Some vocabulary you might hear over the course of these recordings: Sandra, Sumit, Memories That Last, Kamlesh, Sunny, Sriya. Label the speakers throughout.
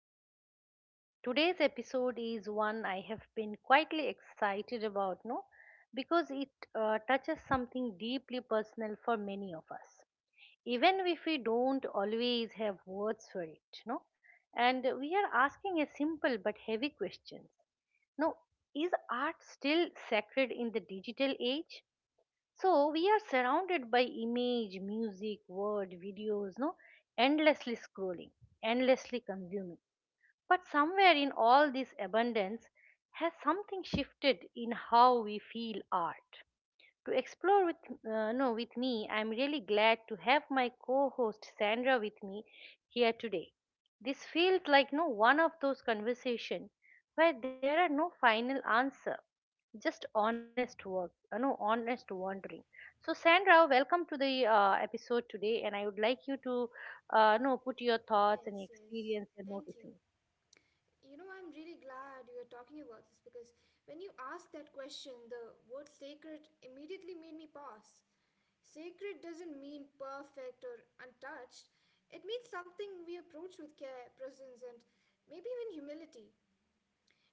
Speaker 1: Welcome back. Today's episode is one I have been quietly excited about, no? Because it touches something deeply personal for many of us, even if we don't always have words for it, no? And we are asking a simple but heavy question. No, is art still sacred in the digital age? So we are surrounded by image, music, word, videos, no, endlessly scrolling, endlessly consuming. But somewhere in all this abundance has something shifted in how we feel art to explore with no with me. I'm really glad to have my co-host Sandra with me here today. This feels like no one of those conversations where there are no final answer, just honest work, no honest wandering. So Sandra, welcome to the episode today, and I would like you to no put your thoughts and
Speaker 2: Yes, yes.
Speaker 1: experience you're
Speaker 2: Thank you.
Speaker 1: noticing.
Speaker 2: You know, I'm really glad you are talking about this because when you asked that question, the word sacred immediately made me pause. Sacred doesn't mean perfect or untouched, it means something we approach with care, presence, and maybe even humility.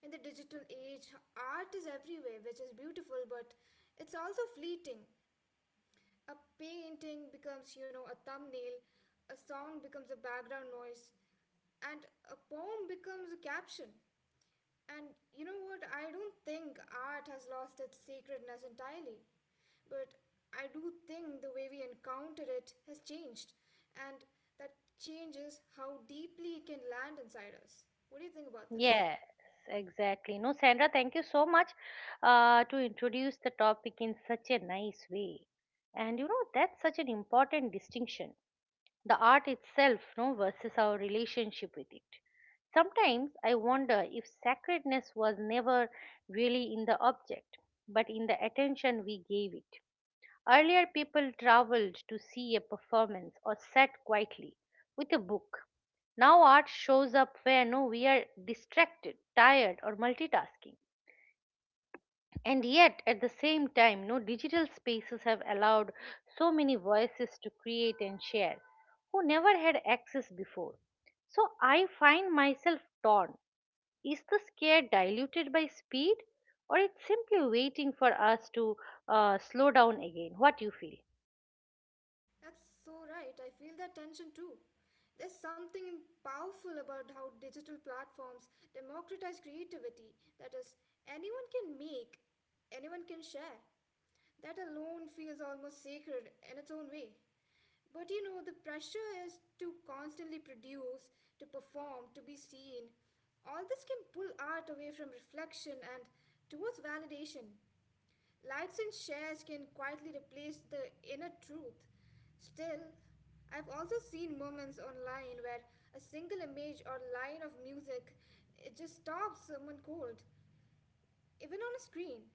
Speaker 2: In the digital age, art is everywhere, which is beautiful, but it's also fleeting. A painting becomes, you know, a thumbnail, a song becomes a background noise, and a poem becomes a caption. And you know what? I don't think art has lost its sacredness entirely. But I do think the way we encounter it has changed. And that changes how deeply it can land inside us. What do you think about this?
Speaker 1: Yes, exactly. No, Sandra, thank you so much to introduce the topic in such a nice way. And you know, that's such an important distinction. The art itself, no, versus our relationship with it. Sometimes I wonder if sacredness was never really in the object, but in the attention we gave it. Earlier, people traveled to see a performance or sat quietly with a book. Now, art shows up where no, we are distracted, tired, or multitasking. And yet, at the same time, no digital spaces have allowed so many voices to create and share who never had access before. So, I find myself torn. Is the scare diluted by speed, or it's simply waiting for us to slow down again? What do you feel?
Speaker 2: That's so right. I feel that tension too. There's something powerful about how digital platforms democratize creativity. That is, anyone can make, anyone can share. That alone feels almost sacred in its own way. But you know, the pressure is to constantly produce, to perform, to be seen. All this can pull art away from reflection and towards validation. Likes and shares can quietly replace the inner truth. Still, I've also seen moments online where a single image or line of music it just stops someone cold, even on a screen.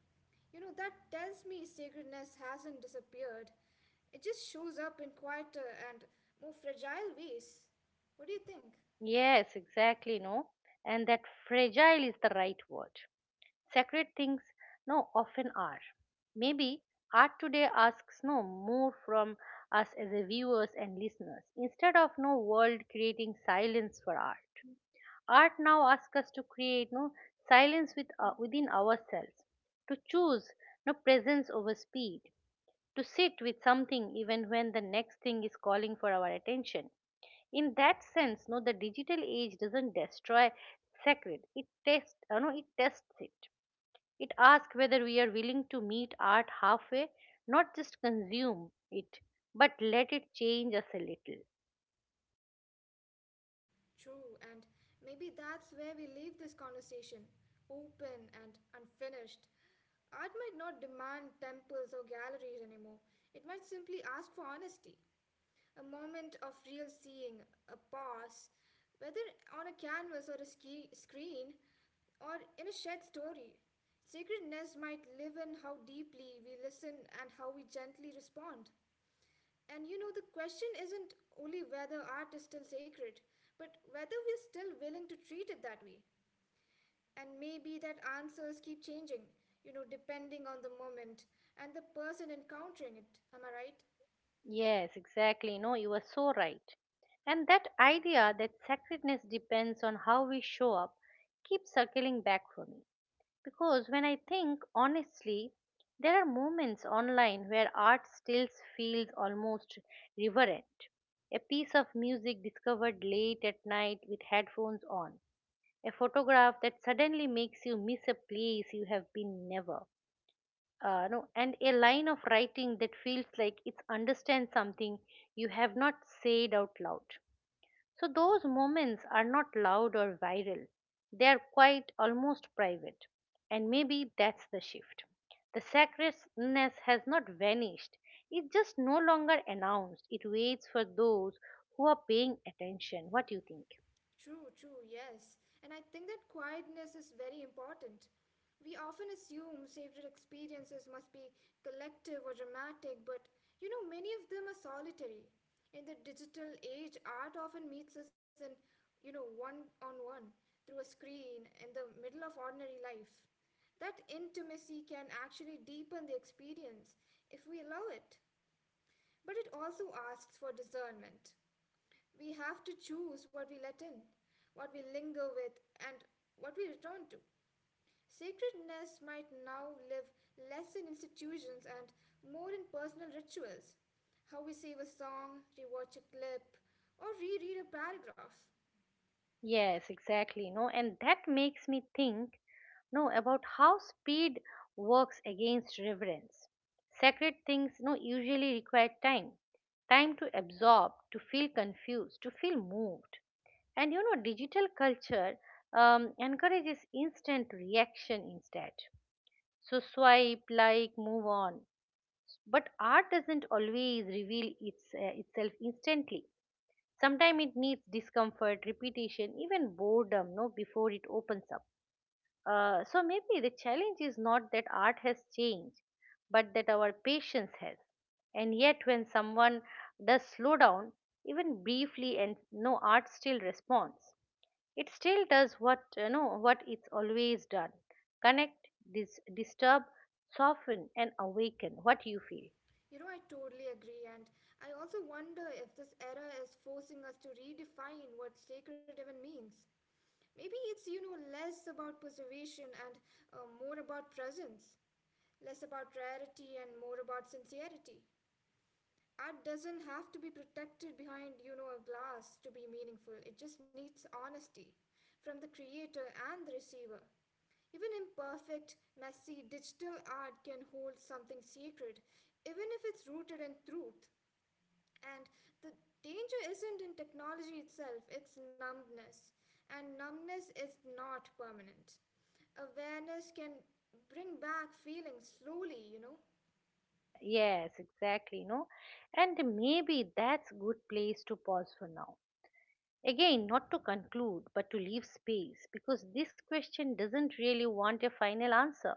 Speaker 2: You know, that tells me sacredness hasn't disappeared. It just shows up in quieter and more fragile ways. What do you think?
Speaker 1: Yes, exactly, no. And that fragile is the right word. Sacred things, no, often are. Maybe art today asks no more from us as a viewers and listeners. Instead of no world creating silence for art, art now asks us to create no silence with within ourselves, to choose no presence over speed, to sit with something even when the next thing is calling for our attention. In that sense no the digital age doesn't destroy sacred, it tests no it tests it. It asks whether we are willing to meet art halfway, not just consume it, but let it change us a little.
Speaker 2: True, and maybe that's where we leave this conversation open and unfinished. Art might not demand temples or galleries anymore, it might simply ask for honesty, a moment of real seeing, a pause, whether on a canvas or a screen or in a shared story. Sacredness might live in how deeply we listen and how we gently respond. And you know, the question isn't only whether art is still sacred, but whether we're still willing to treat it that way. And maybe that answers keep changing, you know, depending on the moment and the person encountering it. Am I right?
Speaker 1: Yes, exactly, no, you are so right. And that idea that sacredness depends on how we show up keeps circling back for me. Because when I think honestly, there are moments online where art still feels almost reverent. A piece of music discovered late at night with headphones on. A photograph that suddenly makes you miss a place you have been never. No, and a line of writing that feels like it understands something you have not said out loud. So those moments are not loud or viral. They are quite almost private. And maybe that's the shift. The sacredness has not vanished. It just no longer announced. It waits for those who are paying attention. What do you think?
Speaker 2: True, true, yes. And I think that quietness is very important. We often assume sacred experiences must be collective or dramatic, but you know, many of them are solitary. In the digital age, art often meets us in, you know, one on one, through a screen, in the middle of ordinary life. That intimacy can actually deepen the experience if we allow it. But it also asks for discernment. We have to choose what we let in, what we linger with, and what we return to. Sacredness might now live less in institutions and more in personal rituals. How we save a song, rewatch a clip, or reread a paragraph.
Speaker 1: Yes, exactly. No, and that makes me think no about how speed works against reverence. Sacred things no usually require time. Time to absorb, to feel confused, to feel moved. And you know, digital culture encourages instant reaction instead. So swipe, like, move on. But art doesn't always reveal its, itself instantly. Sometimes it needs discomfort, repetition, even boredom no, before it opens up. So maybe the challenge is not that art has changed, but that our patience has. And yet, when someone does slow down, even briefly, and no art still responds, it still does what you know what it's always done: connect, disturb, soften and awaken what you feel.
Speaker 2: You know, I totally agree, and I also wonder if this era is forcing us to redefine what sacred even means. Maybe it's, you know, less about preservation and more about presence, less about rarity and more about sincerity. Art doesn't have to be protected behind, you know, a glass to be meaningful. It just needs honesty from the creator and the receiver. Even imperfect, messy digital art can hold something sacred, even if it's rooted in truth. And the danger isn't in technology itself, it's numbness. And numbness is not permanent. Awareness can bring back feelings slowly, you know.
Speaker 1: Yeah, yes, exactly, no, and maybe that's good place to pause for now, again not to conclude but to leave space, because this question doesn't really want a final answer.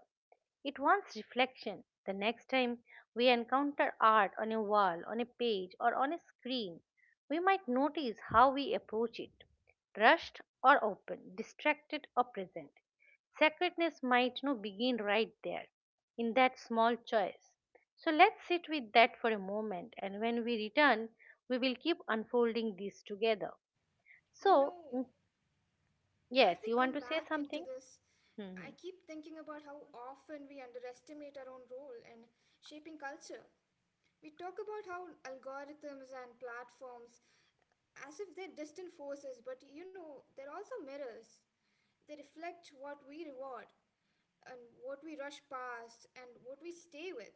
Speaker 1: It wants reflection. The next time we encounter art on a wall, on a page, or on a screen, we might notice how we approach it: rushed or open, distracted or present. Sacredness might no begin right there, in that small choice. So let's sit with that for a moment, and when we return, we will keep unfolding these together.
Speaker 2: You
Speaker 1: So,
Speaker 2: know, as
Speaker 1: yes,
Speaker 2: we
Speaker 1: you
Speaker 2: come
Speaker 1: want to say
Speaker 2: back into
Speaker 1: something?
Speaker 2: this,
Speaker 1: Hmm.
Speaker 2: I
Speaker 1: hmm.
Speaker 2: keep thinking about how often we underestimate our own role in shaping culture. We talk about how algorithms and platforms as if they're distant forces, but you know, they're also mirrors. They reflect what we reward and what we rush past and what we stay with.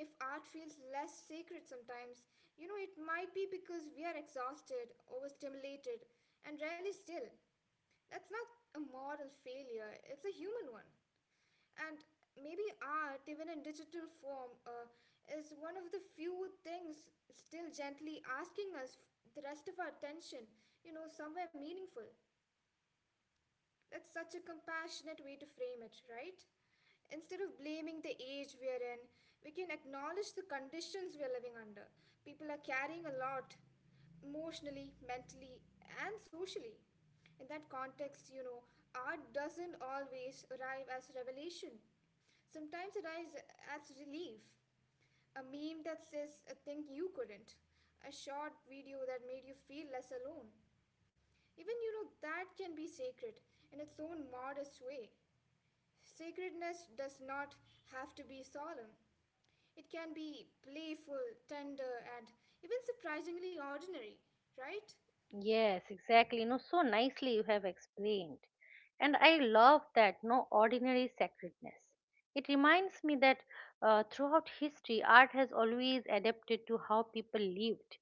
Speaker 2: If art feels less sacred sometimes, you know, it might be because we are exhausted, overstimulated, and rarely still. That's not a moral failure, it's a human one. And maybe art, even in digital form, is one of the few things still gently asking us the rest of our attention, you know, somewhere meaningful. That's such a compassionate way to frame it, right? Instead of blaming the age we are in, we can acknowledge the conditions we are living under. People are carrying a lot emotionally, mentally, and socially. In that context, you know, art doesn't always arrive as revelation. Sometimes it arrives as relief. A meme that says a thing you couldn't. A short video that made you feel less alone. Even you know that can be sacred in its own modest way. Sacredness does not have to be solemn. It can be playful, tender, and even surprisingly ordinary, right?
Speaker 1: Yes, exactly. You know, so nicely you have explained. And I love that no ordinary sacredness. It reminds me that throughout history, art has always adapted to how people lived.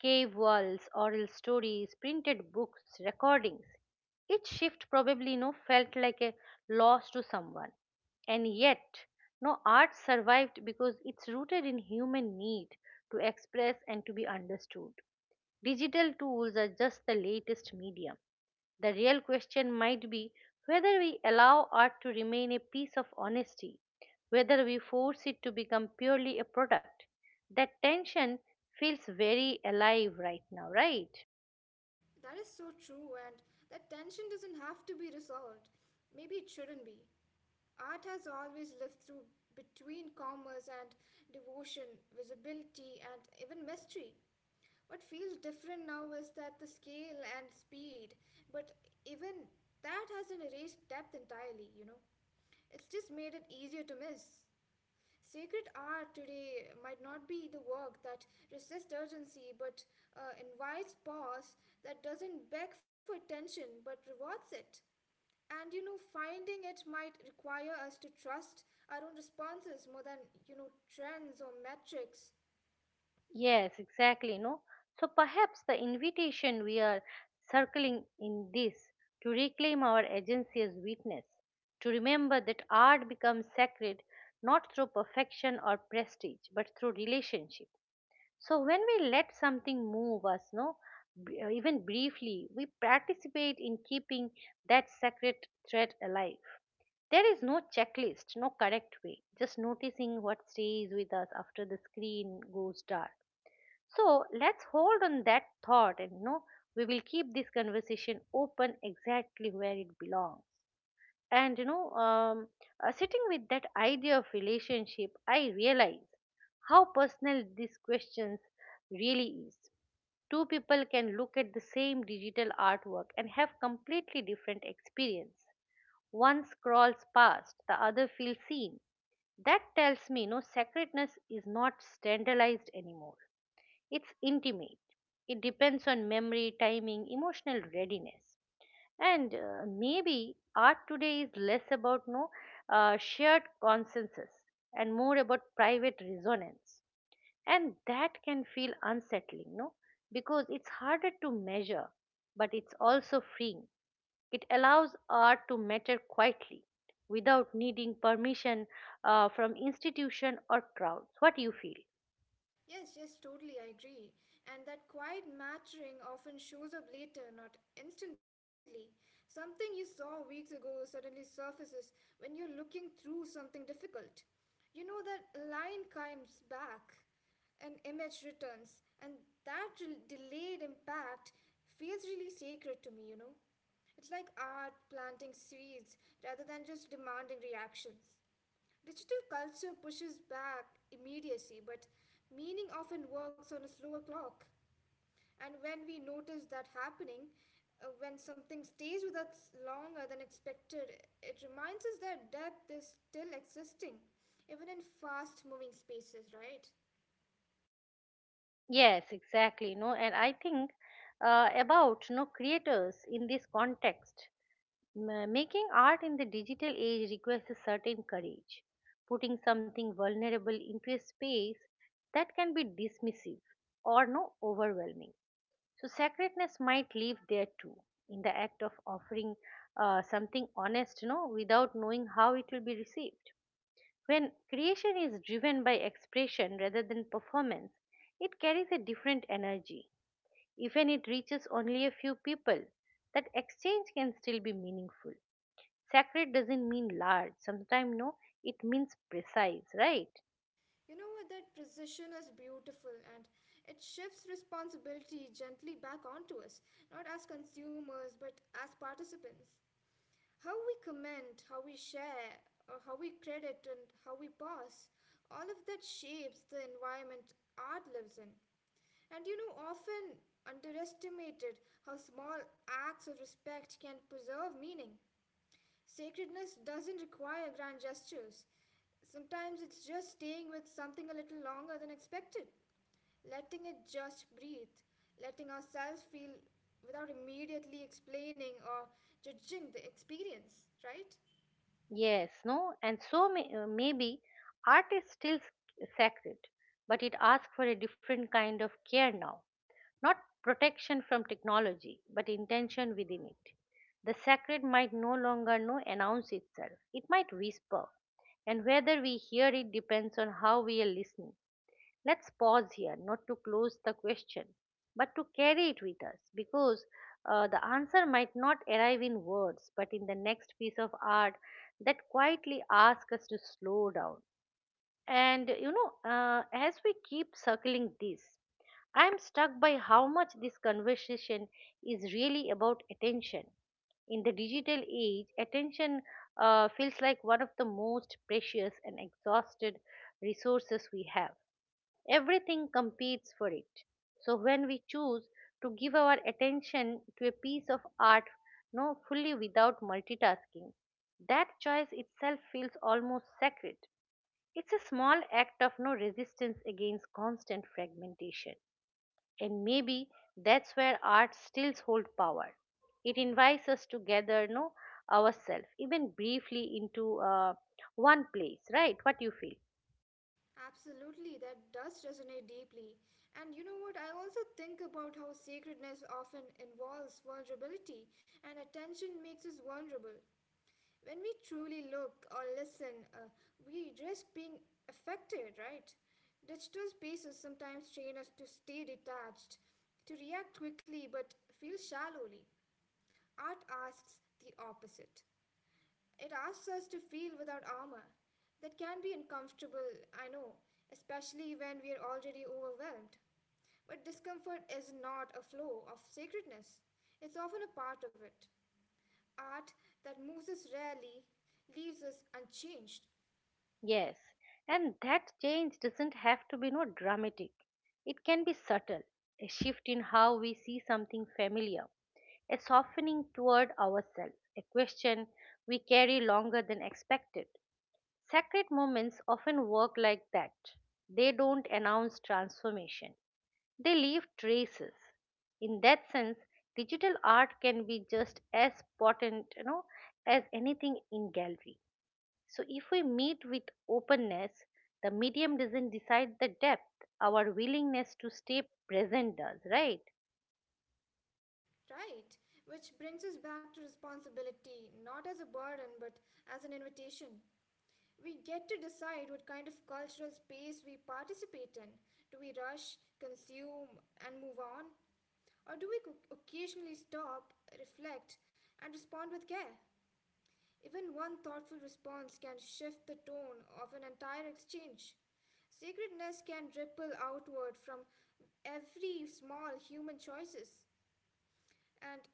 Speaker 1: Cave walls, oral stories, printed books, recordings. Each shift probably no felt like a loss to someone. And yet, no art survived because it's rooted in human need to express and to be understood. Digital tools are just the latest medium. The real question might be whether we allow art to remain a piece of honesty, whether we force it to become purely a product. That tension feels very alive right now, right?
Speaker 2: That is so true, and that tension doesn't have to be resolved. Maybe it shouldn't be. Art has always lived through between commerce and devotion, visibility, and even mystery. What feels different now is that the scale and speed, but even that hasn't erased depth entirely, you know. It's just made it easier to miss. Sacred art today might not be the work that resists urgency but invites pause, that doesn't beg for attention but rewards it, and you know finding it might require us to trust our own responses more than you know trends or metrics.
Speaker 1: Yes, exactly. No, so perhaps the invitation we are circling in this to reclaim our agency as witness, to remember that art becomes sacred not through perfection or prestige, but through relationship. So when we let something move us, no, even briefly, we participate in keeping that sacred thread alive. There is no checklist, no correct way, just noticing what stays with us after the screen goes dark. So let's hold on that thought, and you know, we will keep this conversation open exactly where it belongs. And you know, sitting with that idea of relationship, I realize how personal these questions really is. Two people can look at the same digital artwork and have completely different experience. One scrolls past, the other feels seen. That tells me no sacredness is not standardized anymore, it's intimate. It depends on memory, timing, emotional readiness. And maybe art today is less about no shared consensus and more about private resonance. And that can feel unsettling, no? Because it's harder to measure, but it's also freeing. It allows art to matter quietly without needing permission from institution or crowds. What do you feel?
Speaker 2: Yes, yes, totally, I agree. And that quiet mattering often shows up later, not instantly. Something you saw weeks ago suddenly surfaces when you're looking through something difficult. You know, that line comes back, an image returns, and that delayed impact feels really sacred to me, you know? It's like art planting seeds rather than just demanding reactions. Digital culture pushes back immediacy, but meaning often works on a slower clock. And when we notice that happening, when something stays with us longer than expected, it reminds us that death is still existing, even in fast moving spaces, right?
Speaker 1: Yes, exactly. No, and I think about no creators in this context. Making art in the digital age requires a certain courage, putting something vulnerable into a space that can be dismissive or no overwhelming. So sacredness might live there too in the act of offering something honest, you know, without knowing how it will be received. When creation is driven by expression rather than performance, it carries a different energy. Even it reaches only a few people, that exchange can still be meaningful. Sacred doesn't mean large. Sometimes no, it means precise, right?
Speaker 2: You know what? That precision is beautiful and it shifts responsibility gently back onto us, not as consumers but as participants. How we comment, how we share, or how we credit and how we pass, all of that shapes the environment art lives in. And you know, often underestimated how small acts of respect can preserve meaning. Sacredness doesn't require grand gestures. Sometimes it's just staying with something a little longer than expected, letting it just breathe, letting ourselves feel without immediately explaining or judging the experience, right?
Speaker 1: Yes, no, and so maybe art is still sacred, but it asks for a different kind of care now. Not protection from technology, but intention within it. The sacred might no longer know announce itself. It might whisper, and whether we hear it depends on how we are listening. Let's pause here, not to close the question, but to carry it with us, because the answer might not arrive in words, but in the next piece of art that quietly asks us to slow down. And you know, as we keep circling this, I am struck by how much this conversation is really about attention. In the digital age, attention feels like one of the most precious and exhausted resources we have. Everything competes for it. So when we choose to give our attention to a piece of art, no fully without multitasking, that choice itself feels almost sacred. It's a small act of no resistance against constant fragmentation, and maybe that's where art still holds power. It invites us to gather no ourselves, even briefly, into one place, right? What you feel?
Speaker 2: Absolutely, that does resonate deeply. And you know what? I also think about how sacredness often involves vulnerability, and attention makes us vulnerable. When we truly look or listen, we risk being affected, right? Digital spaces sometimes train us to stay detached, to react quickly but feel shallowly. Art asks the opposite. It asks us to feel without armor. That can be uncomfortable, I know, especially when we are already overwhelmed. But discomfort is not a flaw of sacredness, it's often a part of it. Art that moves us rarely leaves us unchanged,
Speaker 1: Yes, and that change doesn't have to be no dramatic. It can be subtle, a shift in how we see something familiar, a softening toward ourselves, a question we carry longer than expected. Sacred moments often work like that. They don't announce transformation, they leave traces. In that sense, digital art can be just as potent, you know, as anything in gallery. So if we meet with openness, the medium doesn't decide the depth. Our willingness to stay present does, right?
Speaker 2: right? Which brings us back to responsibility, not as a burden, but as an invitation. We get to decide what kind of cultural space we participate in. Do we rush, consume, and move on? Or do we occasionally stop, reflect, and respond with care? Even one thoughtful response can shift the tone of an entire exchange. Sacredness can ripple outward from every small human choices. And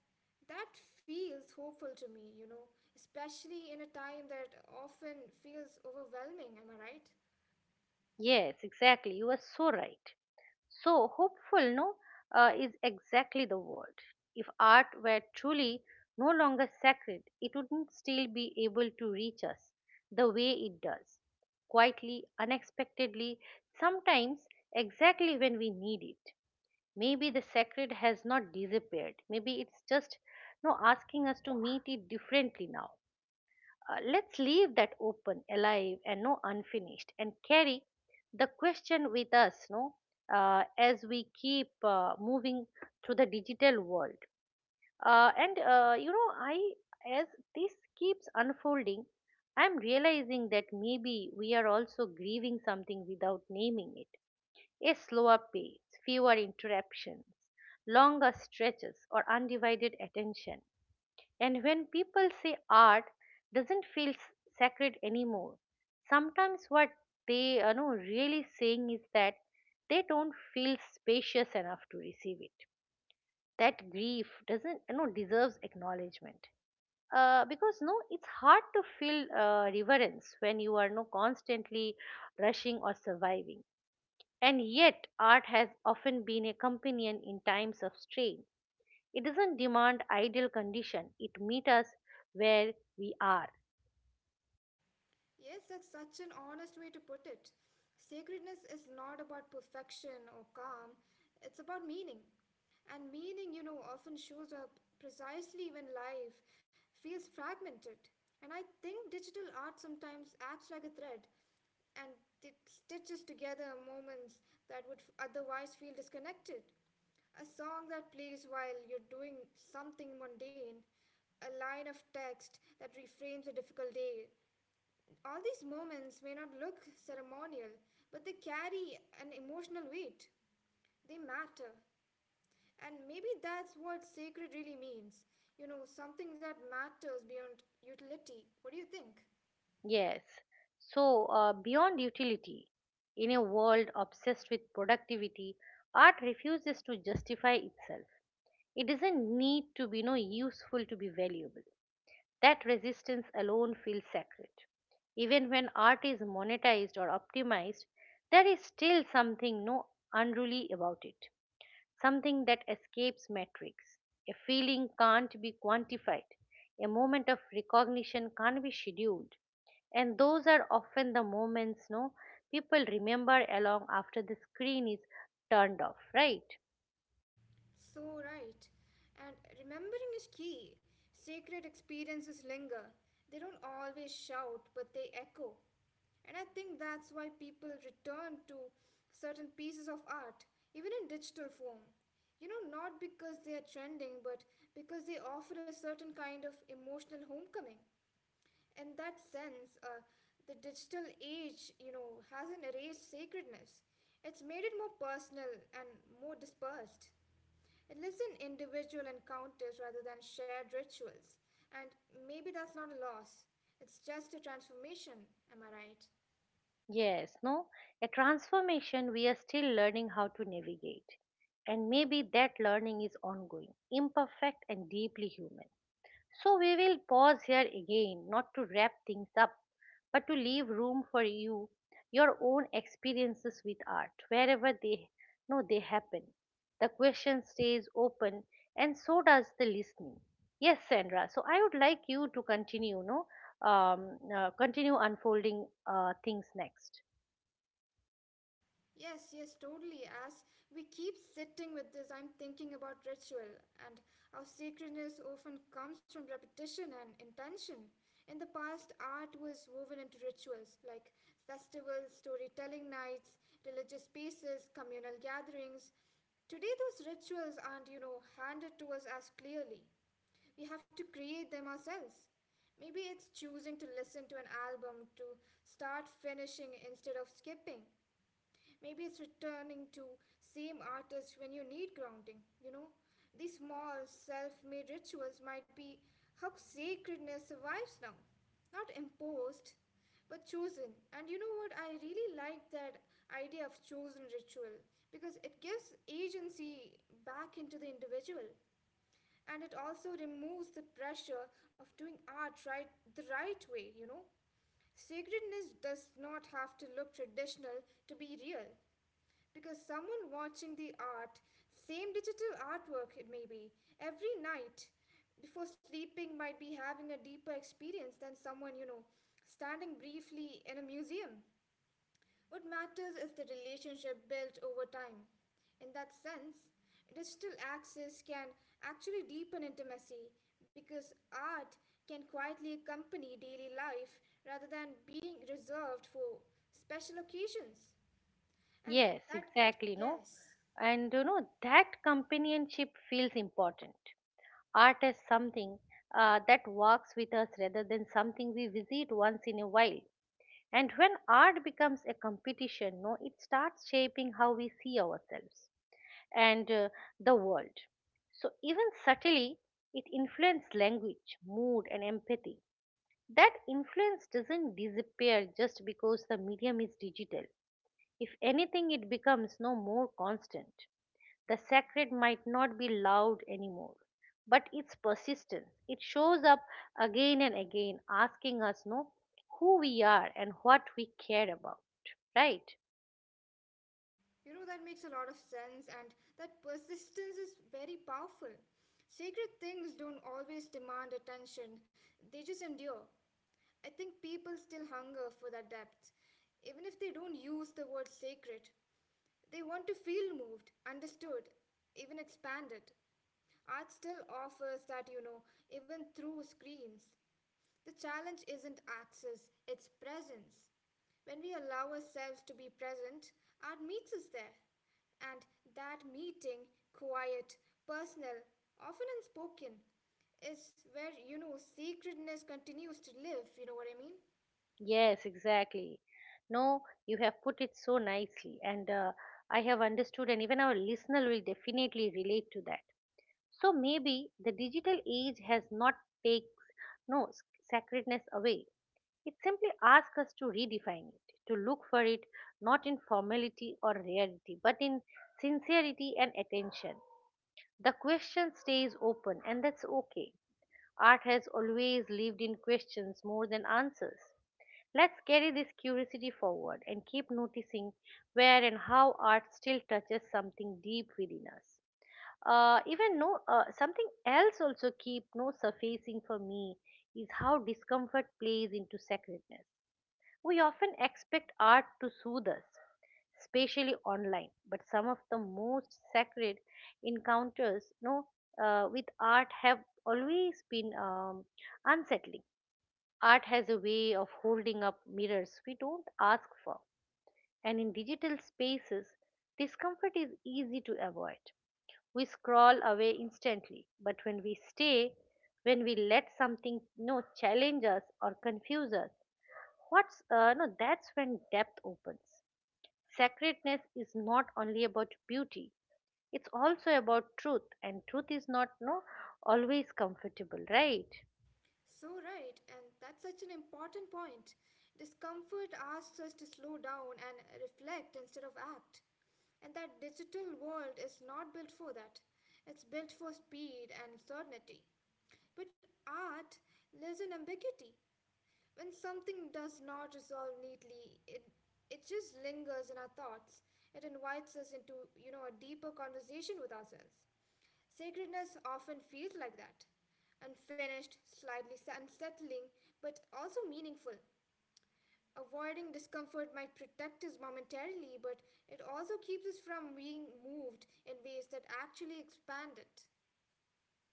Speaker 2: that feels hopeful to me, you know, especially in a time that often feels overwhelming, am I right?
Speaker 1: Yes, exactly. You are so right. So hopeful, no, is exactly the word. If art were truly no longer sacred, it wouldn't still be able to reach us the way it does, quietly, unexpectedly, sometimes exactly when we need it. Maybe the sacred has not disappeared. Maybe it's just no asking us to meet it differently now. Let's leave that open, alive, and no unfinished, and carry the question with us, no, as we keep moving through the digital world. And you know, I as this keeps unfolding, I'm realizing that maybe we are also grieving something without naming it. A slower pace, fewer interruptions, longer stretches, or undivided attention. And when people say art doesn't feel sacred anymore, sometimes what they are no really saying is that they don't feel spacious enough to receive it. That grief doesn't deserves acknowledgement. Because no, it's hard to feel reverence when you are no constantly rushing or surviving. And yet, art has often been a companion in times of strain. It doesn't demand ideal condition. It meets us where we are.
Speaker 2: Yes, that's such an honest way to put it. Sacredness is not about perfection or calm, it's about meaning. And meaning, you know, often shows up precisely when life feels fragmented. And I think digital art sometimes acts like a thread and it stitches together moments that would otherwise feel disconnected. A song that plays while you're doing something mundane, a line of text that reframes a difficult day, all these moments may not look ceremonial, but they carry an emotional weight. They matter. And maybe that's what sacred really means. You know, something that matters beyond utility. What do you think?
Speaker 1: Yes. So beyond utility, in a world obsessed with productivity, art refuses to justify itself. It doesn't need to be no useful to be valuable. That resistance alone feels sacred. Even when art is monetized or optimized, there is still something no unruly about it. Something that escapes metrics. A feeling can't be quantified, a moment of recognition can't be scheduled. And those are often the moments no people remember along after the screen is turned off, right?
Speaker 2: So right. And remembering is key. Sacred experiences linger. They don't always shout, but they echo. And I think that's why people return to certain pieces of art, even in digital form. You know, not because they are trending, but because they offer a certain kind of emotional homecoming. In that sense, the digital age, you know, hasn't erased sacredness. It's made it more personal and more dispersed. It lives in individual encounters rather than shared rituals. And maybe that's not a loss, it's just a transformation, am I right?
Speaker 1: Yes, no? A transformation we are still learning how to navigate. And maybe that learning is ongoing, imperfect and deeply human. So we will pause here again, not to wrap things up, but to leave room for you, your own experiences with art, wherever they know they happen. The question stays open, and so does the listening. Yes, Sandra. So I would like you to continue, no, continue unfolding things next.
Speaker 2: Yes, yes, totally. As we keep sitting with this, I'm thinking about ritual and how sacredness often comes from repetition and intention. In the past, art was woven into rituals like festivals, storytelling nights, religious spaces, communal gatherings. Today, those rituals aren't, you know, handed to us as clearly. We have to create them ourselves. Maybe it's choosing to listen to an album to start finishing instead of skipping. Maybe it's returning to same artist when you need grounding, you know? These small self-made rituals might be how sacredness survives now. Not imposed, but chosen. And you know what? I really like that idea of chosen ritual because it gives agency back into the individual and it also removes the pressure of doing art right the right way, you know? Sacredness does not have to look traditional to be real. Because someone watching the art, same digital artwork it may be, every night before sleeping might be having a deeper experience than someone, you know, standing briefly in a museum. What matters is the relationship built over time. In that sense, digital access can actually deepen intimacy because art can quietly accompany daily life rather than being reserved for special occasions. And
Speaker 1: Yes,
Speaker 2: that,
Speaker 1: exactly, no,
Speaker 2: yes.
Speaker 1: and you know that companionship feels important. Art is something that walks with us rather than something we visit once in a while. And when art becomes a competition, no, it starts shaping how we see ourselves and the world. So even subtly, it influences language, mood, and empathy. That influence doesn't disappear just because the medium is digital. If anything, it becomes no more constant. The sacred might not be loud anymore, but its persistence. It shows up again and again, asking us, no, who we are and what we care about. Right?
Speaker 2: You know, that makes a lot of sense, and that persistence is very powerful. Sacred things don't always demand attention, they just endure. I think people still hunger for that depth, even if they don't use the word sacred. They want to feel moved, understood, even expanded. Art still offers that, you know, even through screens. The challenge isn't access, it's presence. When we allow ourselves to be present, art meets us there. And that meeting, quiet, personal, often unspoken, is where, you know, sacredness continues to live, you know what I mean?
Speaker 1: Yes, exactly. No, you have put it so nicely, and I have understood, and even our listener will definitely relate to that. So maybe the digital age has not takes no sacredness away. It simply asks us to redefine it, to look for it not in formality or rarity, but in sincerity and attention. The question stays open, and that's okay. Art has always lived in questions more than answers. Let's carry this curiosity forward and keep noticing where and how art still touches something deep within us. Even no, something else also keep no surfacing for me is how discomfort plays into sacredness. We often expect art to soothe us, especially online, but some of the most sacred encounters no, with art have always been unsettling. Art has a way of holding up mirrors we don't ask for, and in digital spaces, discomfort is easy to avoid. We scroll away instantly, but when we stay, when we let something challenge us or confuse us, what's no? That's when depth opens. Sacredness is not only about beauty; it's also about truth, and truth is not no always comfortable, right?
Speaker 2: So right, and that's such an important point. Discomfort asks us to slow down and reflect instead of act. And that digital world is not built for that. It's built for speed and certainty. But art lives in ambiguity. When something does not resolve neatly, it just lingers in our thoughts. It invites us into, you know, a deeper conversation with ourselves. Sacredness often feels like that. Unfinished, unsettling, but also meaningful. Avoiding discomfort might protect us momentarily, but it also keeps us from being moved in ways that actually expand it.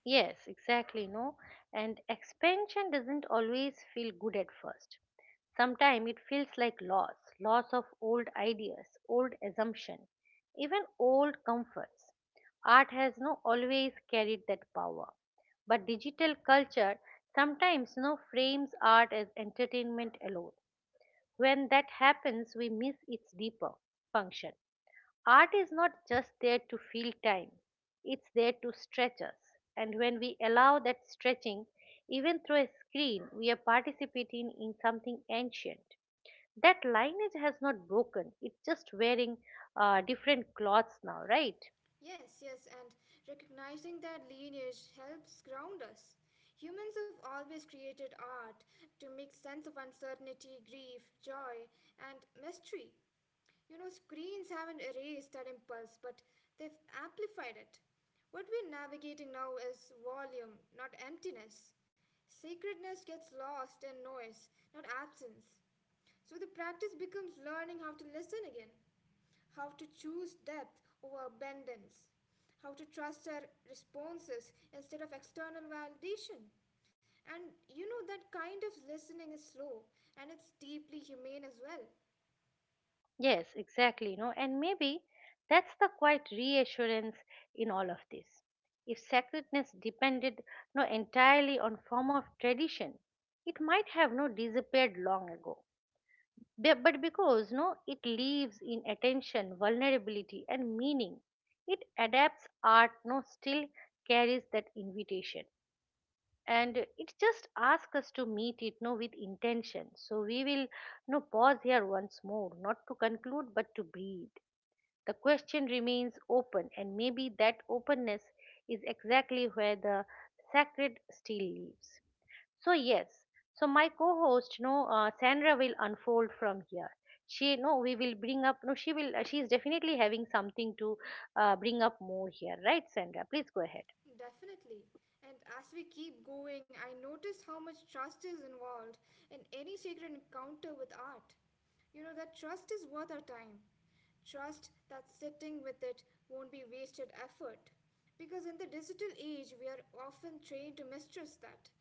Speaker 1: Yes, exactly, no. And expansion doesn't always feel good at first. Sometimes it feels like loss, loss of old ideas, old assumption, even old comforts. Art has no always carried that power. But digital culture sometimes no frames art as entertainment alone. When that happens, we miss its deeper function. Art is not just there to fill time, it's there to stretch us. And when we allow that stretching, even through a screen, we are participating in something ancient. That lineage has not broken, it's just wearing different clothes now, right?
Speaker 2: Yes, yes, and recognizing that lineage helps ground us. Humans have always created art to make sense of uncertainty, grief, joy, and mystery. You know, screens haven't erased that impulse, but they've amplified it. What we're navigating now is volume, not emptiness. Sacredness gets lost in noise, not absence. So the practice becomes learning how to listen again, how to choose depth over abundance, how to trust our responses instead of external validation. And you know, that kind of listening is slow and it's deeply humane as well.
Speaker 1: Yes, exactly. You know, and maybe that's the quiet reassurance in all of this. If sacredness depended no entirely on form of tradition, it might have no disappeared long ago. But because no it leaves in attention, vulnerability and meaning, it adapts. Art no still carries that invitation, and it just asks us to meet it no with intention. So we will no pause here once more, not to conclude, but to breathe. The question remains open, and maybe that openness is exactly where the sacred still lives. So yes, so my co-host, no, Sandra will unfold from here. She, no, we will bring up. No, she will. She is definitely having something to bring up more here, right, Sandra? Please go ahead.
Speaker 2: Definitely. And as we keep going, I notice how much trust is involved in any sacred encounter with art. You know, that trust is worth our time. Trust that sitting with it won't be wasted effort. Because in the digital age, we are often trained to mistrust that,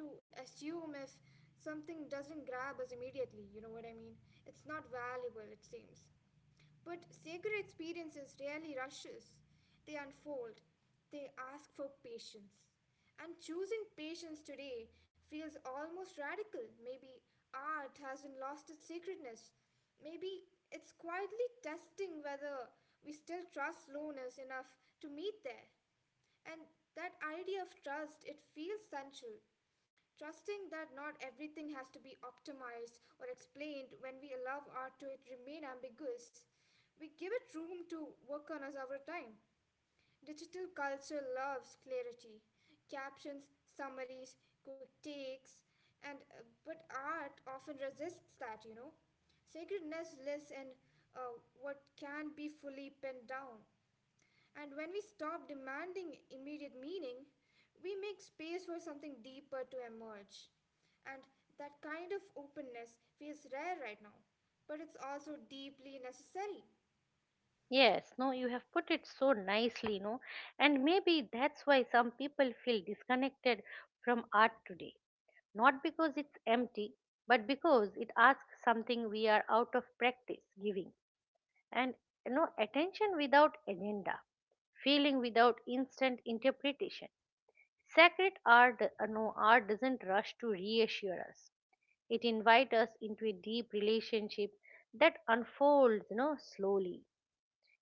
Speaker 2: to assume if something doesn't grab us immediately, you know what I mean? It's not valuable, it seems. But sacred experiences rarely rushes. They unfold. They ask for patience. And choosing patience today feels almost radical. Maybe art hasn't lost its sacredness. Maybe it's quietly testing whether we still trust slowness enough to meet there. And that idea of trust, it feels central. Trusting that not everything has to be optimized or explained when we allow art to it remain ambiguous. We give it room to work on us over time. Digital culture loves clarity, captions, summaries, quick takes, and but art often resists that, you know. Sacredness lives in what can be fully pinned down. And when we stop demanding immediate meaning, we make space for something deeper to emerge. And that kind of openness feels rare right now, but it's also deeply necessary.
Speaker 1: Yes, no, you have put it so nicely, no, and maybe that's why some people feel disconnected from art today. Not because it's empty, but because it asks something we are out of practice giving. And attention without agenda, feeling without instant interpretation. Sacred art no, art doesn't rush to reassure us. It invites us into a deep relationship that unfolds slowly.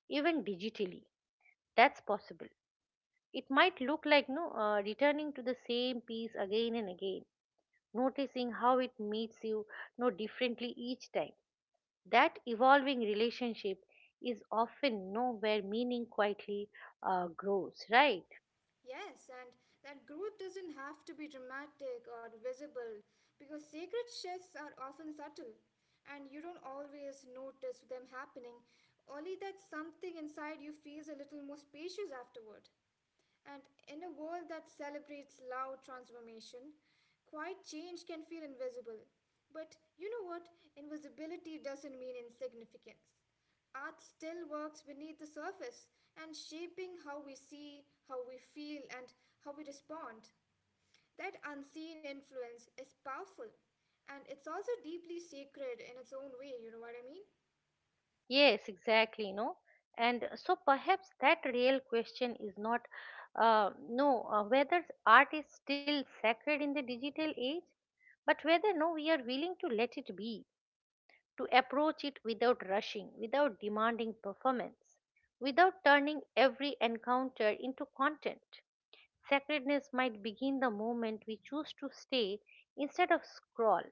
Speaker 1: Even digitally that's possible. It might look like no returning to the same piece again and again, noticing how it meets you no differently each time. That evolving relationship is often know where meaning quietly grows, right?
Speaker 2: Yes, and that growth doesn't have to be dramatic or visible because sacred shifts are often subtle and you don't always notice them happening, only that something inside you feels a little more spacious afterward. And in a world that celebrates loud transformation, quiet change can feel invisible. But you know what? Invisibility doesn't mean insignificance. Art still works beneath the surface and shaping how we see, how we feel, and how we respond. That unseen influence is powerful and it's also deeply sacred in its own way, you know what I mean?
Speaker 1: Yes, exactly. No, and so perhaps that real question is not, no, whether art is still sacred in the digital age, but whether no, we are willing to let it be, to approach it without rushing, without demanding performance, without turning every encounter into content. Sacredness might begin the moment we choose to stay instead of scroll,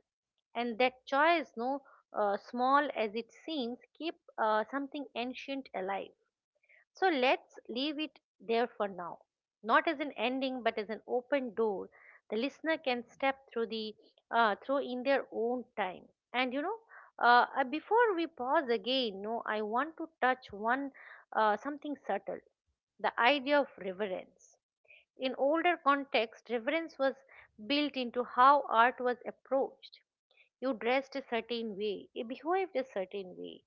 Speaker 1: and that choice, no small as it seems, keep something ancient alive. So let's leave it there for now, not as an ending, but as an open door. The listener can step through the through in their own time. And before we pause again, no, I want to touch one something subtle, the idea of reverence. In older contexts, reverence was built into how art was approached. You dressed a certain way, you behaved a certain way,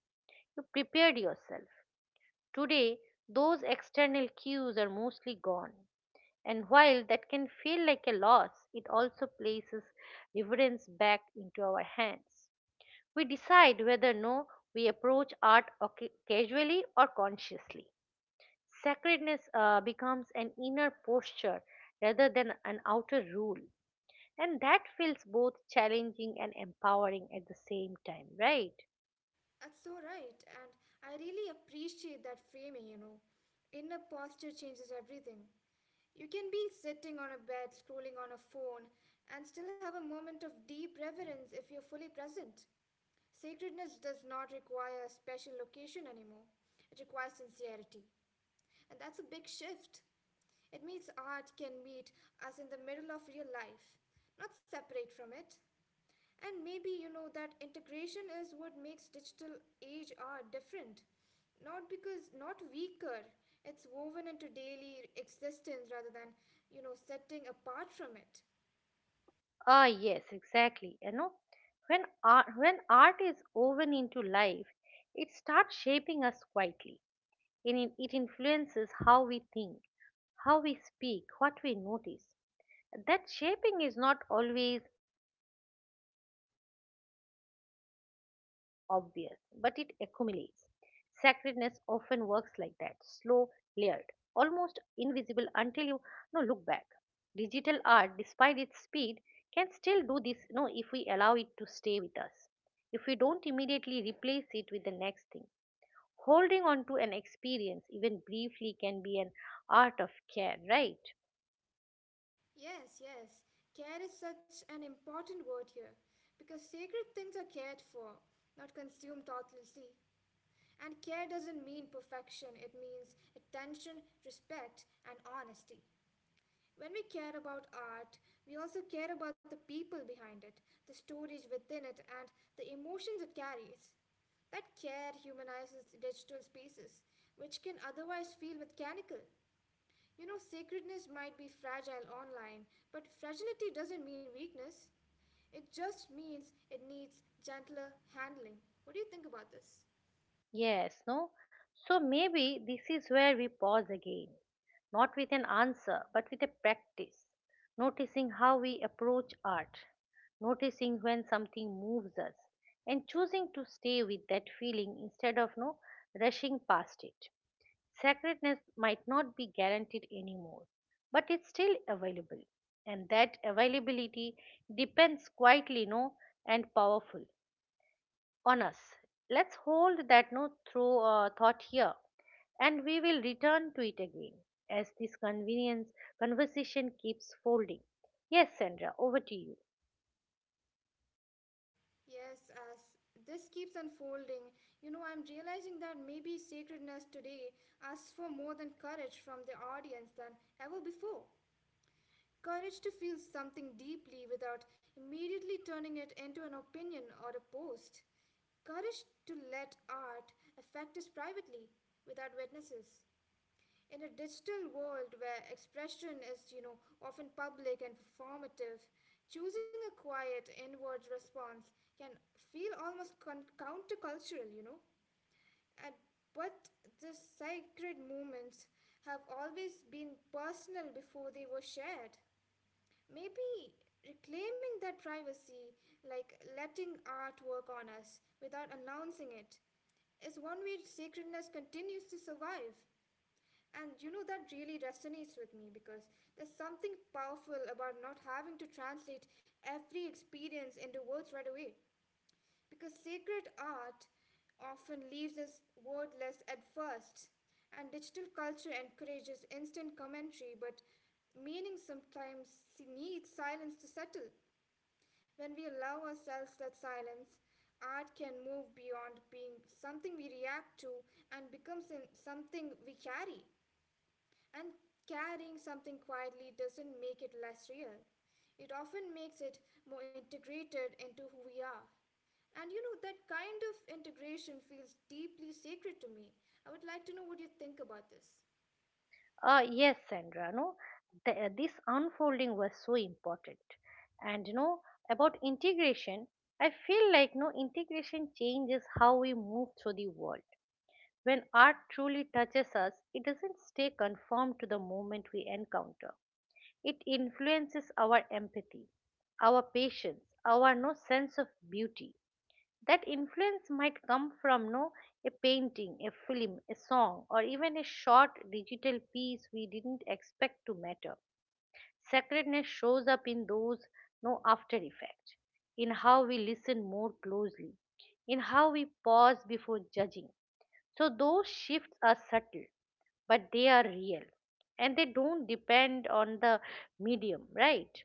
Speaker 1: you prepared yourself. Today, those external cues are mostly gone. And while that can feel like a loss, it also places reverence back into our hands. We decide whether no we approach art casually or consciously. Sacredness becomes an inner posture rather than an outer rule. And that feels both challenging and empowering at the same time, right?
Speaker 2: That's so right, and I really appreciate that framing, you know. Inner posture changes everything. You can be sitting on a bed, scrolling on a phone, and still have a moment of deep reverence if you're fully present. Sacredness does not require a special location anymore, it requires sincerity. And that's a big shift. It means art can meet us in the middle of real life, not separate from it. And maybe you know that integration is what makes digital age art different. Not because not weaker, it's woven into daily existence rather than you know setting apart from it.
Speaker 1: Ah, yes, exactly. You know, when art is woven into life, it starts shaping us quietly, and it influences how we think, how we speak, what we notice. That shaping is not always obvious, but it accumulates. Sacredness often works like that, slow, layered, almost invisible until you look back. Digital art, despite its speed, can still do this, if we allow it to stay with us, if we don't immediately replace it with the next thing. Holding on to an experience, even briefly, can be an art of care, right?
Speaker 2: Yes, yes. Care is such an important word here because sacred things are cared for, not consumed thoughtlessly. And care doesn't mean perfection, it means attention, respect, and honesty. When we care about art, we also care about the people behind it, the stories within it, and the emotions it carries. That care humanizes digital spaces, which can otherwise feel mechanical. You know, sacredness might be fragile online, but fragility doesn't mean weakness. It just means it needs gentler handling. What do you think about this?
Speaker 1: Yes, no? So maybe this is where we pause again, not with an answer, but with a practice, noticing how we approach art, noticing when something moves us, and choosing to stay with that feeling instead of no rushing past it. Sacredness might not be guaranteed anymore, but it's still available, and that availability depends quietly no and powerful on us. Let's hold that no through thought here, and we will return to it again as this convenience conversation keeps folding. Yes, Sandra, over to you.
Speaker 2: Yes, as this keeps unfolding, you know, I'm realizing that maybe sacredness today asks for more than courage from the audience than ever before. Courage to feel something deeply without immediately turning it into an opinion or a post. Courage to let art affect us privately without witnesses. In a digital world where expression is, you know, often public and performative, choosing a quiet inward response can feel almost countercultural, you know. And but the sacred moments have always been personal before they were shared. Maybe reclaiming that privacy, like letting art work on us without announcing it, is one way sacredness continues to survive. And you know, that really resonates with me because there's something powerful about not having to translate every experience into words right away. Because sacred art often leaves us wordless at first, and digital culture encourages instant commentary, but meaning sometimes needs silence to settle. When we allow ourselves that silence, art can move beyond being something we react to and becomes something we carry. And carrying something quietly doesn't make it less real. It often makes it more integrated into who we are. And you know, that kind of integration feels deeply sacred to me. I would like to know what you think about this.
Speaker 1: Yes, Sandra, no, this unfolding was so important, and you know about integration. I feel like no integration changes how we move through the world. When art truly touches us, it doesn't stay conformed to the moment we encounter. It influences our empathy, our patience, our no sense of beauty. That influence might come from no a painting, a film, a song, or even a short digital piece we didn't expect to matter. Sacredness shows up in those no after effect, in how we listen more closely, in how we pause before judging. So those shifts are subtle, but they are real and they don't depend on the medium, right?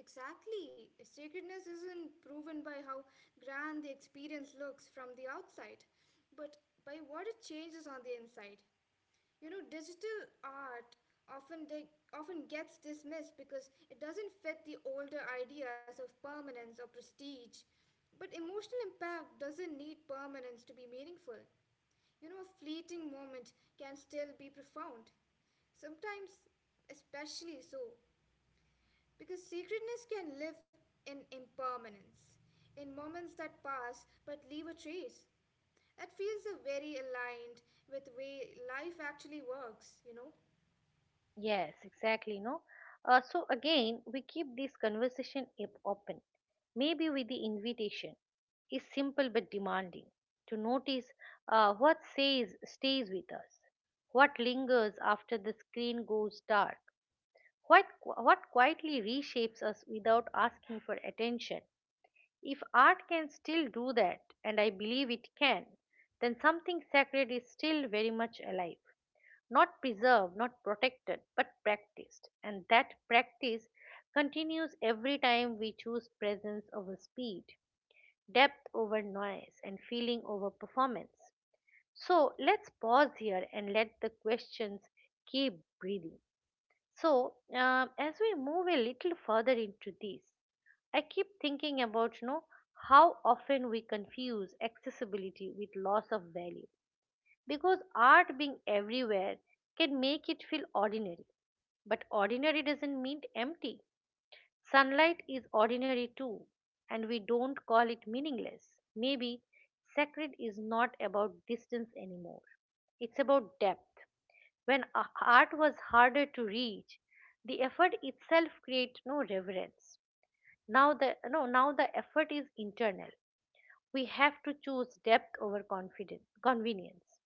Speaker 2: Exactly. Sacredness isn't proven by how grand the experience looks from the outside, but by what it changes on the inside. You know, digital art often gets dismissed because it doesn't fit the older ideas of permanence or prestige. But emotional impact doesn't need permanence to be meaningful. You know, a fleeting moment can still be profound. Sometimes, especially so, because sacredness can live in impermanence, in moments that pass but leave a trace. That feels very aligned with way life actually works, you know.
Speaker 1: Yes, exactly. No. So again, we keep this conversation up open. Maybe with the invitation is simple but demanding to notice what says stays with us, what lingers after the screen goes dark, what quietly reshapes us without asking for attention. If art can still do that, and I believe it can, then something sacred is still very much alive, not preserved, not protected, but practiced. And that practice continues every time we choose presence over speed, depth over noise, and feeling over performance. So let's pause here and let the questions keep breathing. So, as we move a little further into this, I keep thinking about how often we confuse accessibility with loss of value because art being everywhere can make it feel ordinary. But ordinary doesn't mean empty. Sunlight is ordinary too, and we don't call it meaningless. Maybe sacred is not about distance anymore, it's about depth. When art was harder to reach, the effort itself creates no reverence. Now the no, now the effort is internal. We have to choose depth over confidence, convenience.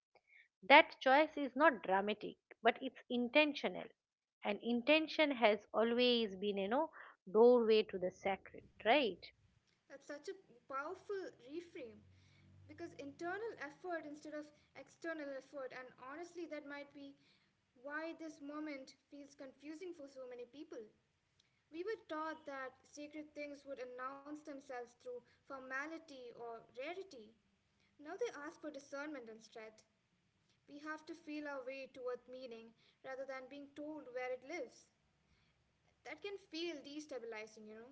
Speaker 1: That choice is not dramatic, but it's intentional. And intention has always been, doorway to the sacred, right?
Speaker 2: That's such a powerful reframe because internal effort instead of external effort, and honestly, that might be why this moment feels confusing for so many people. We were taught that sacred things would announce themselves through formality or rarity. Now they ask for discernment and strength. We have to feel our way toward meaning rather than being told where it lives. That can feel destabilizing, you know,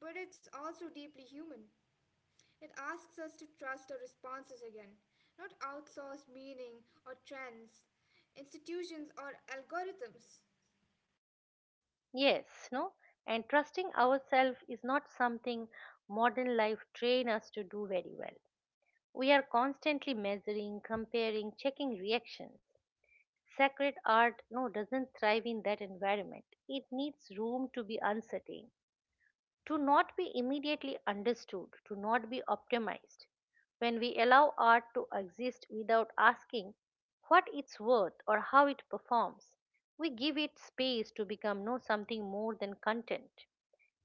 Speaker 2: but it's also deeply human. It asks us to trust our responses again, not outsource meaning or trends, institutions or algorithms.
Speaker 1: Yes, no? And trusting ourselves is not something modern life train us to do very well. We are constantly measuring, comparing, checking reactions. Sacred art no doesn't thrive in that environment. It needs room to be uncertain, to not be immediately understood, to not be optimized. When we allow art to exist without asking what it's worth or how it performs, we give it space to become no something more than content.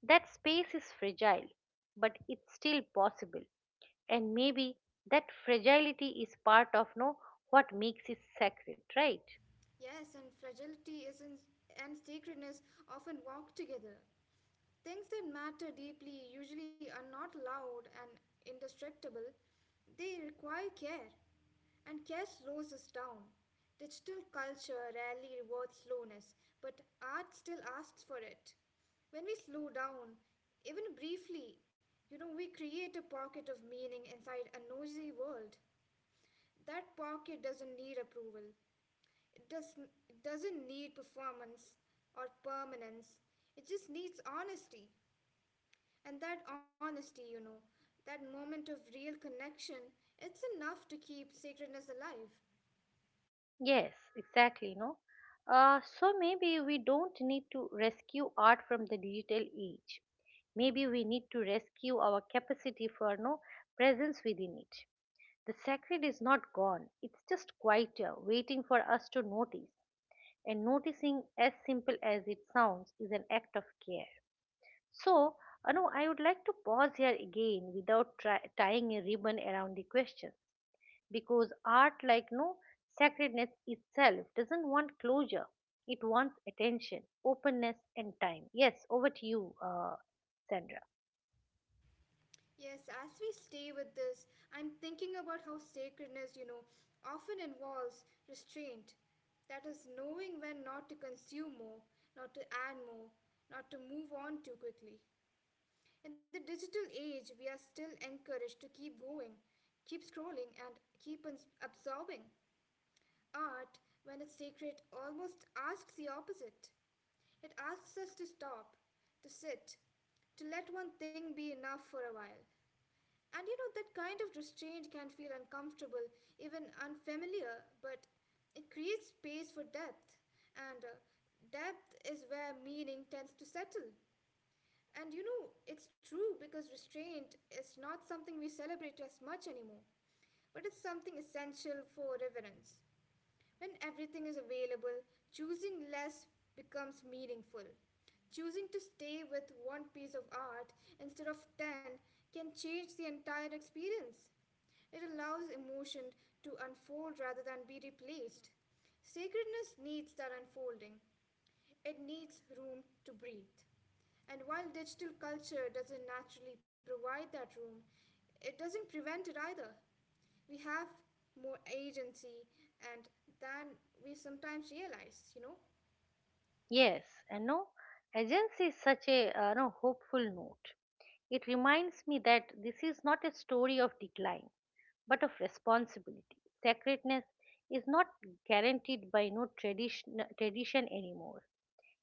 Speaker 1: That space is fragile, but it's still possible. And maybe that fragility is part of no what makes it sacred, right?
Speaker 2: Yes, and fragility is in, and sacredness often walk together. Things that matter deeply usually are not loud and indestructible, they require care. And care slows us down. Digital culture rarely rewards slowness, but art still asks for it. When we slow down, even briefly, you know, we create a pocket of meaning inside a noisy world. That pocket doesn't need approval, it doesn't need performance or permanence, it just needs honesty. And that honesty, you know, that moment of real connection, it's enough to keep sacredness alive.
Speaker 1: Yes, exactly. No, so maybe we don't need to rescue art from the digital age. Maybe we need to rescue our capacity for no presence within it. The sacred is not gone; it's just quieter, waiting for us to notice. And noticing, as simple as it sounds, is an act of care. So, Anu, I would like to pause here again without tying a ribbon around the question because art like no sacredness itself doesn't want closure, it wants attention, openness and time. Yes, over to you, Sandra.
Speaker 2: Yes, as we stay with this, I'm thinking about how sacredness, you know, often involves restraint. That is, knowing when not to consume more, not to add more, not to move on too quickly. In the digital age, we are still encouraged to keep going, keep scrolling, and keep absorbing. Art, when it's sacred, almost asks the opposite. It asks us to stop, to sit, to let one thing be enough for a while. And you know, that kind of restraint can feel uncomfortable, even unfamiliar, but it creates space for depth. And depth is where meaning tends to settle. And you know, it's true because restraint is not something we celebrate as much anymore, but it's something essential for reverence. When everything is available, choosing less becomes meaningful. Choosing to stay with one piece of art instead of 10 can change the entire experience. It allows emotion to unfold rather than be replaced. Sacredness needs that unfolding, it needs room to breathe. And while digital culture doesn't naturally provide that room, it doesn't prevent it either. We have more agency and than we sometimes realize, you know?
Speaker 1: Yes, and no, agency is such a no hopeful note. It reminds me that this is not a story of decline but of responsibility. Sacredness is not guaranteed by no tradition anymore.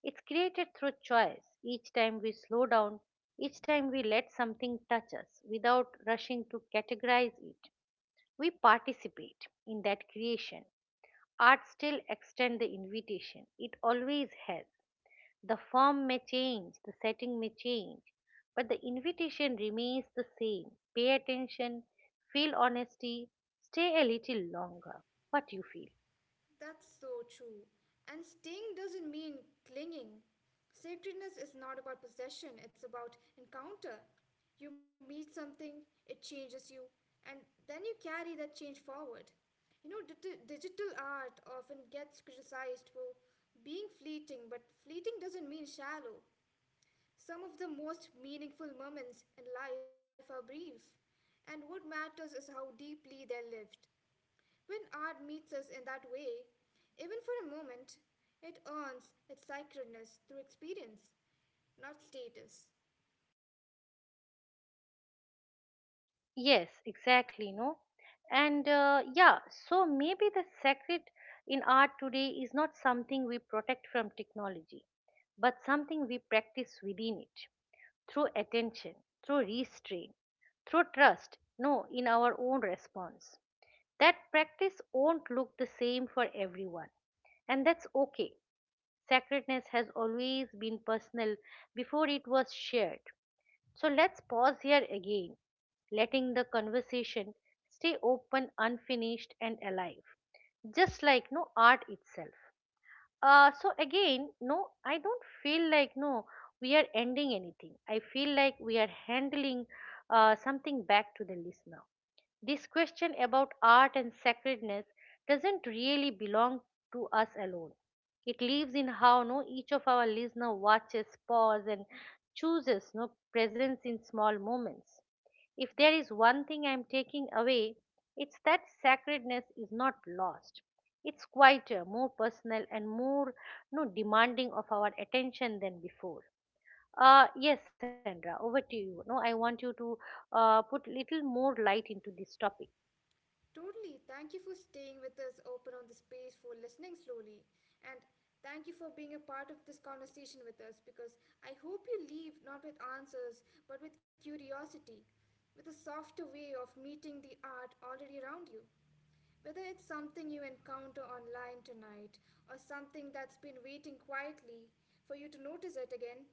Speaker 1: It's created through choice. Each time we slow down, each time we let something touch us without rushing to categorize it, we participate in that creation. Art still extends the invitation, it always has. The form may change, the setting may change, but the invitation remains the same. Pay attention, feel honesty, stay a little longer. What you feel?
Speaker 2: That's so true. And staying doesn't mean clinging. Sacredness is not about possession, it's about encounter. You meet something, it changes you, and then you carry that change forward. You know, digital art often gets criticized for being fleeting, but fleeting doesn't mean shallow. Some of the most meaningful moments in life are brief, and what matters is how deeply they're lived. When art meets us in that way, even for a moment, it earns its sacredness through experience, not status.
Speaker 1: Yes, exactly, no? And uh, yeah, so maybe the secret in art today is not something we protect from technology, but something we practice within it through attention, through restraint, through trust, no, in our own response. That practice won't look the same for everyone, and that's okay. Sacredness has always been personal before it was shared. So let's pause here again, letting the conversation stay open, unfinished, and alive, just like no art itself. So again, no, I don't feel like no, we are ending anything. I feel like we are handling something back to the listener. This question about art and sacredness doesn't really belong to us alone. It lives in how no each of our listener watches, pause, and chooses no presence in small moments. If there is one thing I'm taking away, it's that sacredness is not lost. It's quieter, more personal, and more no demanding of our attention than before. Yes, Sandra, over to you. No, I want you to put little more light into this topic.
Speaker 2: Totally. Thank you for staying with us, open on the space, for listening slowly. And thank you for being a part of this conversation with us because I hope you leave not with answers but with curiosity, with a softer way of meeting the art already around you. Whether it's something you encounter online tonight or something that's been waiting quietly for you to notice it again,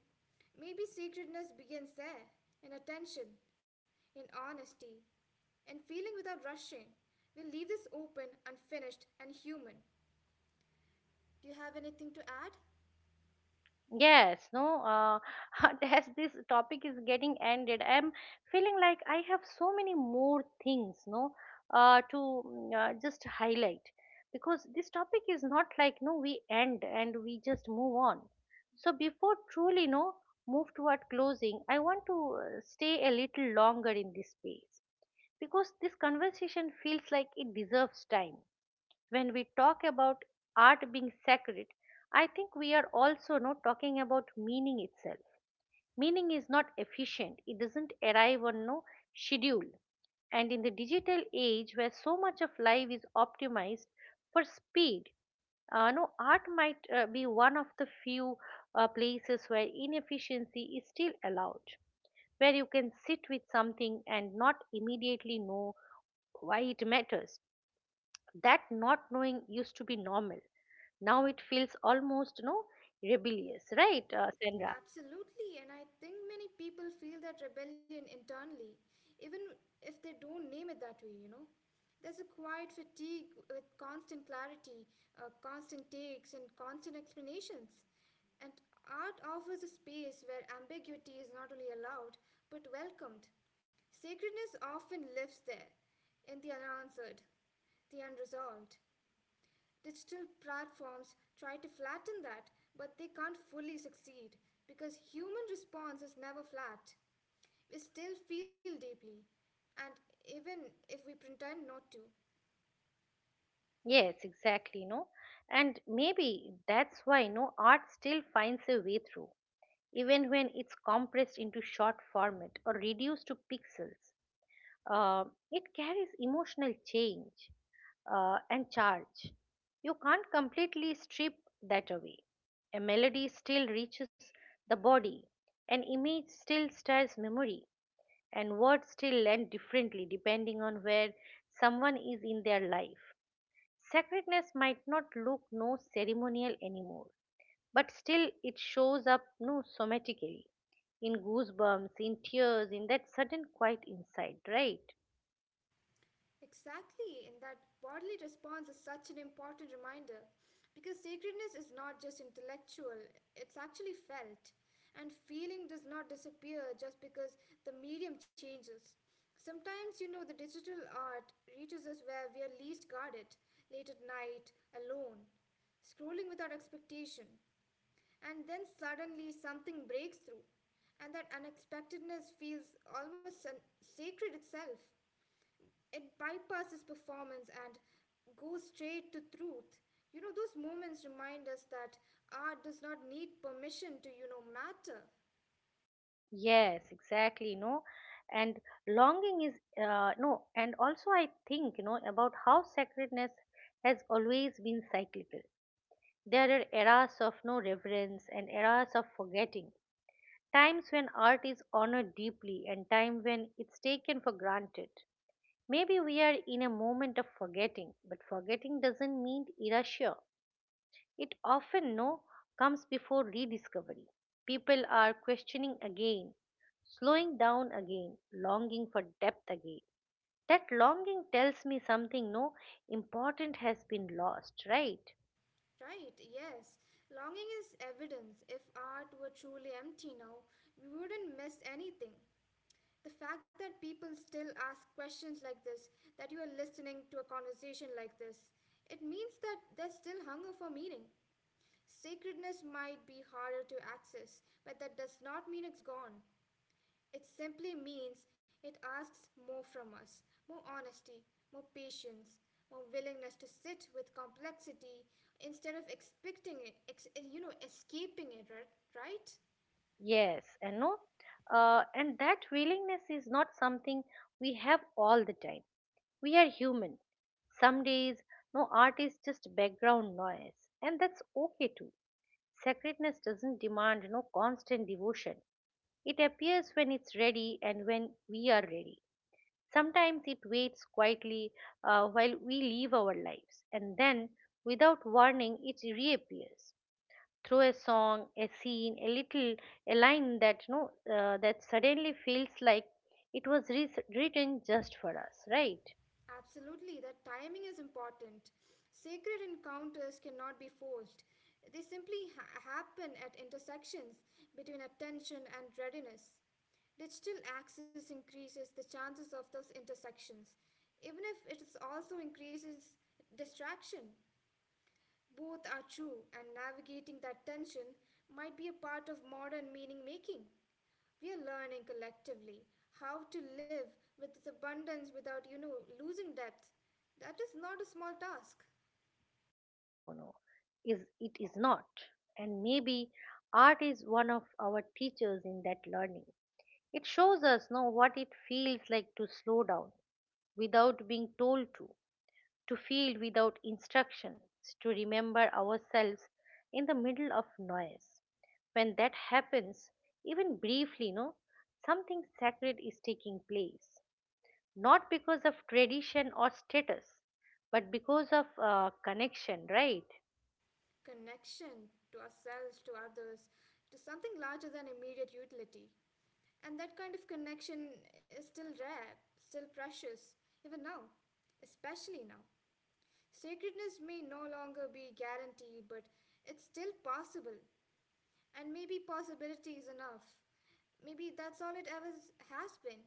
Speaker 2: maybe sacredness begins there, in attention, in honesty, in feeling without rushing. We'll leave this open, unfinished, and human. Do you have anything to add?
Speaker 1: Yes, no, As this topic is getting ended, I'm feeling like I have so many more things, no, to just highlight because this topic is not like, no, we end and we just move on. So before truly, no, move toward closing, I want to stay a little longer in this space because this conversation feels like it deserves time. When we talk about art being sacred, I think we are also no talking about meaning itself. Meaning is not efficient; it doesn't arrive on no schedule. And in the digital age, where so much of life is optimized for speed, no art might be one of the few places where inefficiency is still allowed, where you can sit with something and not immediately know why it matters. That not knowing used to be normal. Now it feels almost, no, rebellious, right, Sandra?
Speaker 2: Absolutely, and I think many people feel that rebellion internally, even if they don't name it that way. There's a quiet fatigue with constant clarity, constant takes, and constant explanations. And art offers a space where ambiguity is not only allowed, but welcomed. Sacredness often lives there, in the unanswered, the unresolved. Digital platforms try to flatten that, but they can't fully succeed because human response is never flat. We still feel deeply, and even if we pretend not to.
Speaker 1: Yes, exactly, no. And maybe that's why, no, art still finds a way through, even when it's compressed into short format or reduced to pixels. Uh, it carries emotional change and charge. You can't completely strip that away. A melody still reaches the body, an image still stirs memory, and words still land differently depending on where someone is in their life. Sacredness might not look no ceremonial anymore, but still it shows up no somatically in goosebumps, in tears, in that sudden quiet insight, right?
Speaker 2: Exactly, and that bodily response is such an important reminder because sacredness is not just intellectual, it's actually felt. And feeling does not disappear just because the medium changes. Sometimes, the digital art reaches us where we are least guarded, late at night, alone, scrolling without expectation. And then suddenly something breaks through, and that unexpectedness feels almost sacred itself. It bypasses performance and goes straight to truth. Those moments remind us that art does not need permission to matter.
Speaker 1: Yes, exactly, no. And longing is no, and also I think you know about how sacredness has always been cyclical. There are eras of no reverence and eras of forgetting, times when art is honored deeply and time when it's taken for granted. Maybe we are in a moment of forgetting, but forgetting doesn't mean erasure. It often no comes before rediscovery. People are questioning again, slowing down again, longing for depth again. That longing tells me something no important has been lost, right?
Speaker 2: Right, yes. Longing is evidence. If art were truly empty now, we wouldn't miss anything. The fact that people still ask questions like this, that you are listening to a conversation like this, it means that there's still hunger for meaning. Sacredness might be harder to access, but that does not mean it's gone. It simply means it asks more from us, more honesty, more patience, more willingness to sit with complexity instead of expecting it, escaping it, right?
Speaker 1: Yes, and no, and that willingness is not something we have all the time. We are human. Some days, no art is just background noise, and that's okay too. Sacredness doesn't demand no constant devotion. It appears when it's ready and when we are ready. Sometimes it waits quietly while we live our lives, and then, without warning, it reappears through a song, a scene, a little, a line that no, that suddenly feels like it was written just for us, right?
Speaker 2: Absolutely, that timing is important. Sacred encounters cannot be forced. They simply happen at intersections between attention and readiness. Digital access increases the chances of those intersections, even if it is also increases distraction. Both are true, and navigating that tension might be a part of modern meaning making. We are learning collectively how to live with this abundance without losing depth. That is not a small task.
Speaker 1: No, no, no. Is it is not. And maybe art is one of our teachers in that learning. It shows us know what it feels like to slow down without being told to feel without instructions, to remember ourselves in the middle of noise. When that happens, even briefly, no, something sacred is taking place. Not because of tradition or status, but because of connection, right?
Speaker 2: Connection to ourselves, to others, to something larger than immediate utility. And that kind of connection is still rare, still precious, even now, especially now. Sacredness may no longer be guaranteed, but it's still possible. And maybe possibility is enough. Maybe that's all it ever has been.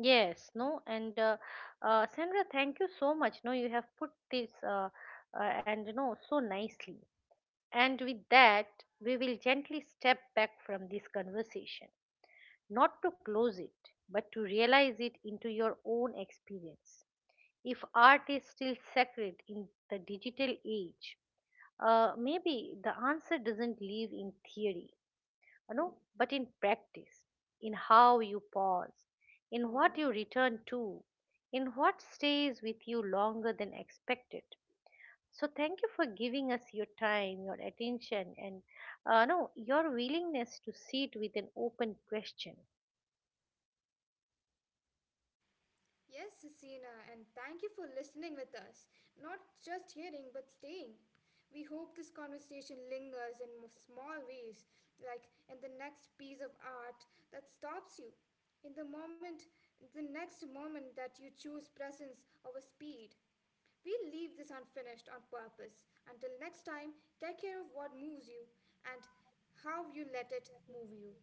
Speaker 1: Yes, no, and Sandra, thank you so much. No, you have put this and you know so nicely. And with that, we will gently step back from this conversation, not to close it, but to realize it into your own experience. If art is still sacred in the digital age, maybe the answer doesn't live in theory, you know, but in practice, in how you pause, in what you return to, in what stays with you longer than expected. So thank you for giving us your time, your attention, and no your willingness to sit with an open question.
Speaker 2: Yes, Hasina, and thank you for listening with us. Not just hearing, but staying. We hope this conversation lingers in small ways, like in the next piece of art that stops you, in the moment, the next moment that you choose presence over speed. We leave this unfinished on purpose. Until next time, take care of what moves you and how you let it move you.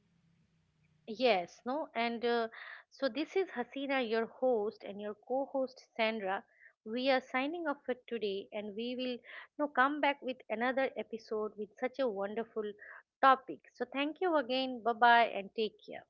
Speaker 1: Yes, no, and So this is Hasina, your host, and your co-host Sandra. We are signing off for today, and we will now come back with another episode with such a wonderful topic. So thank you again, bye bye, and take care.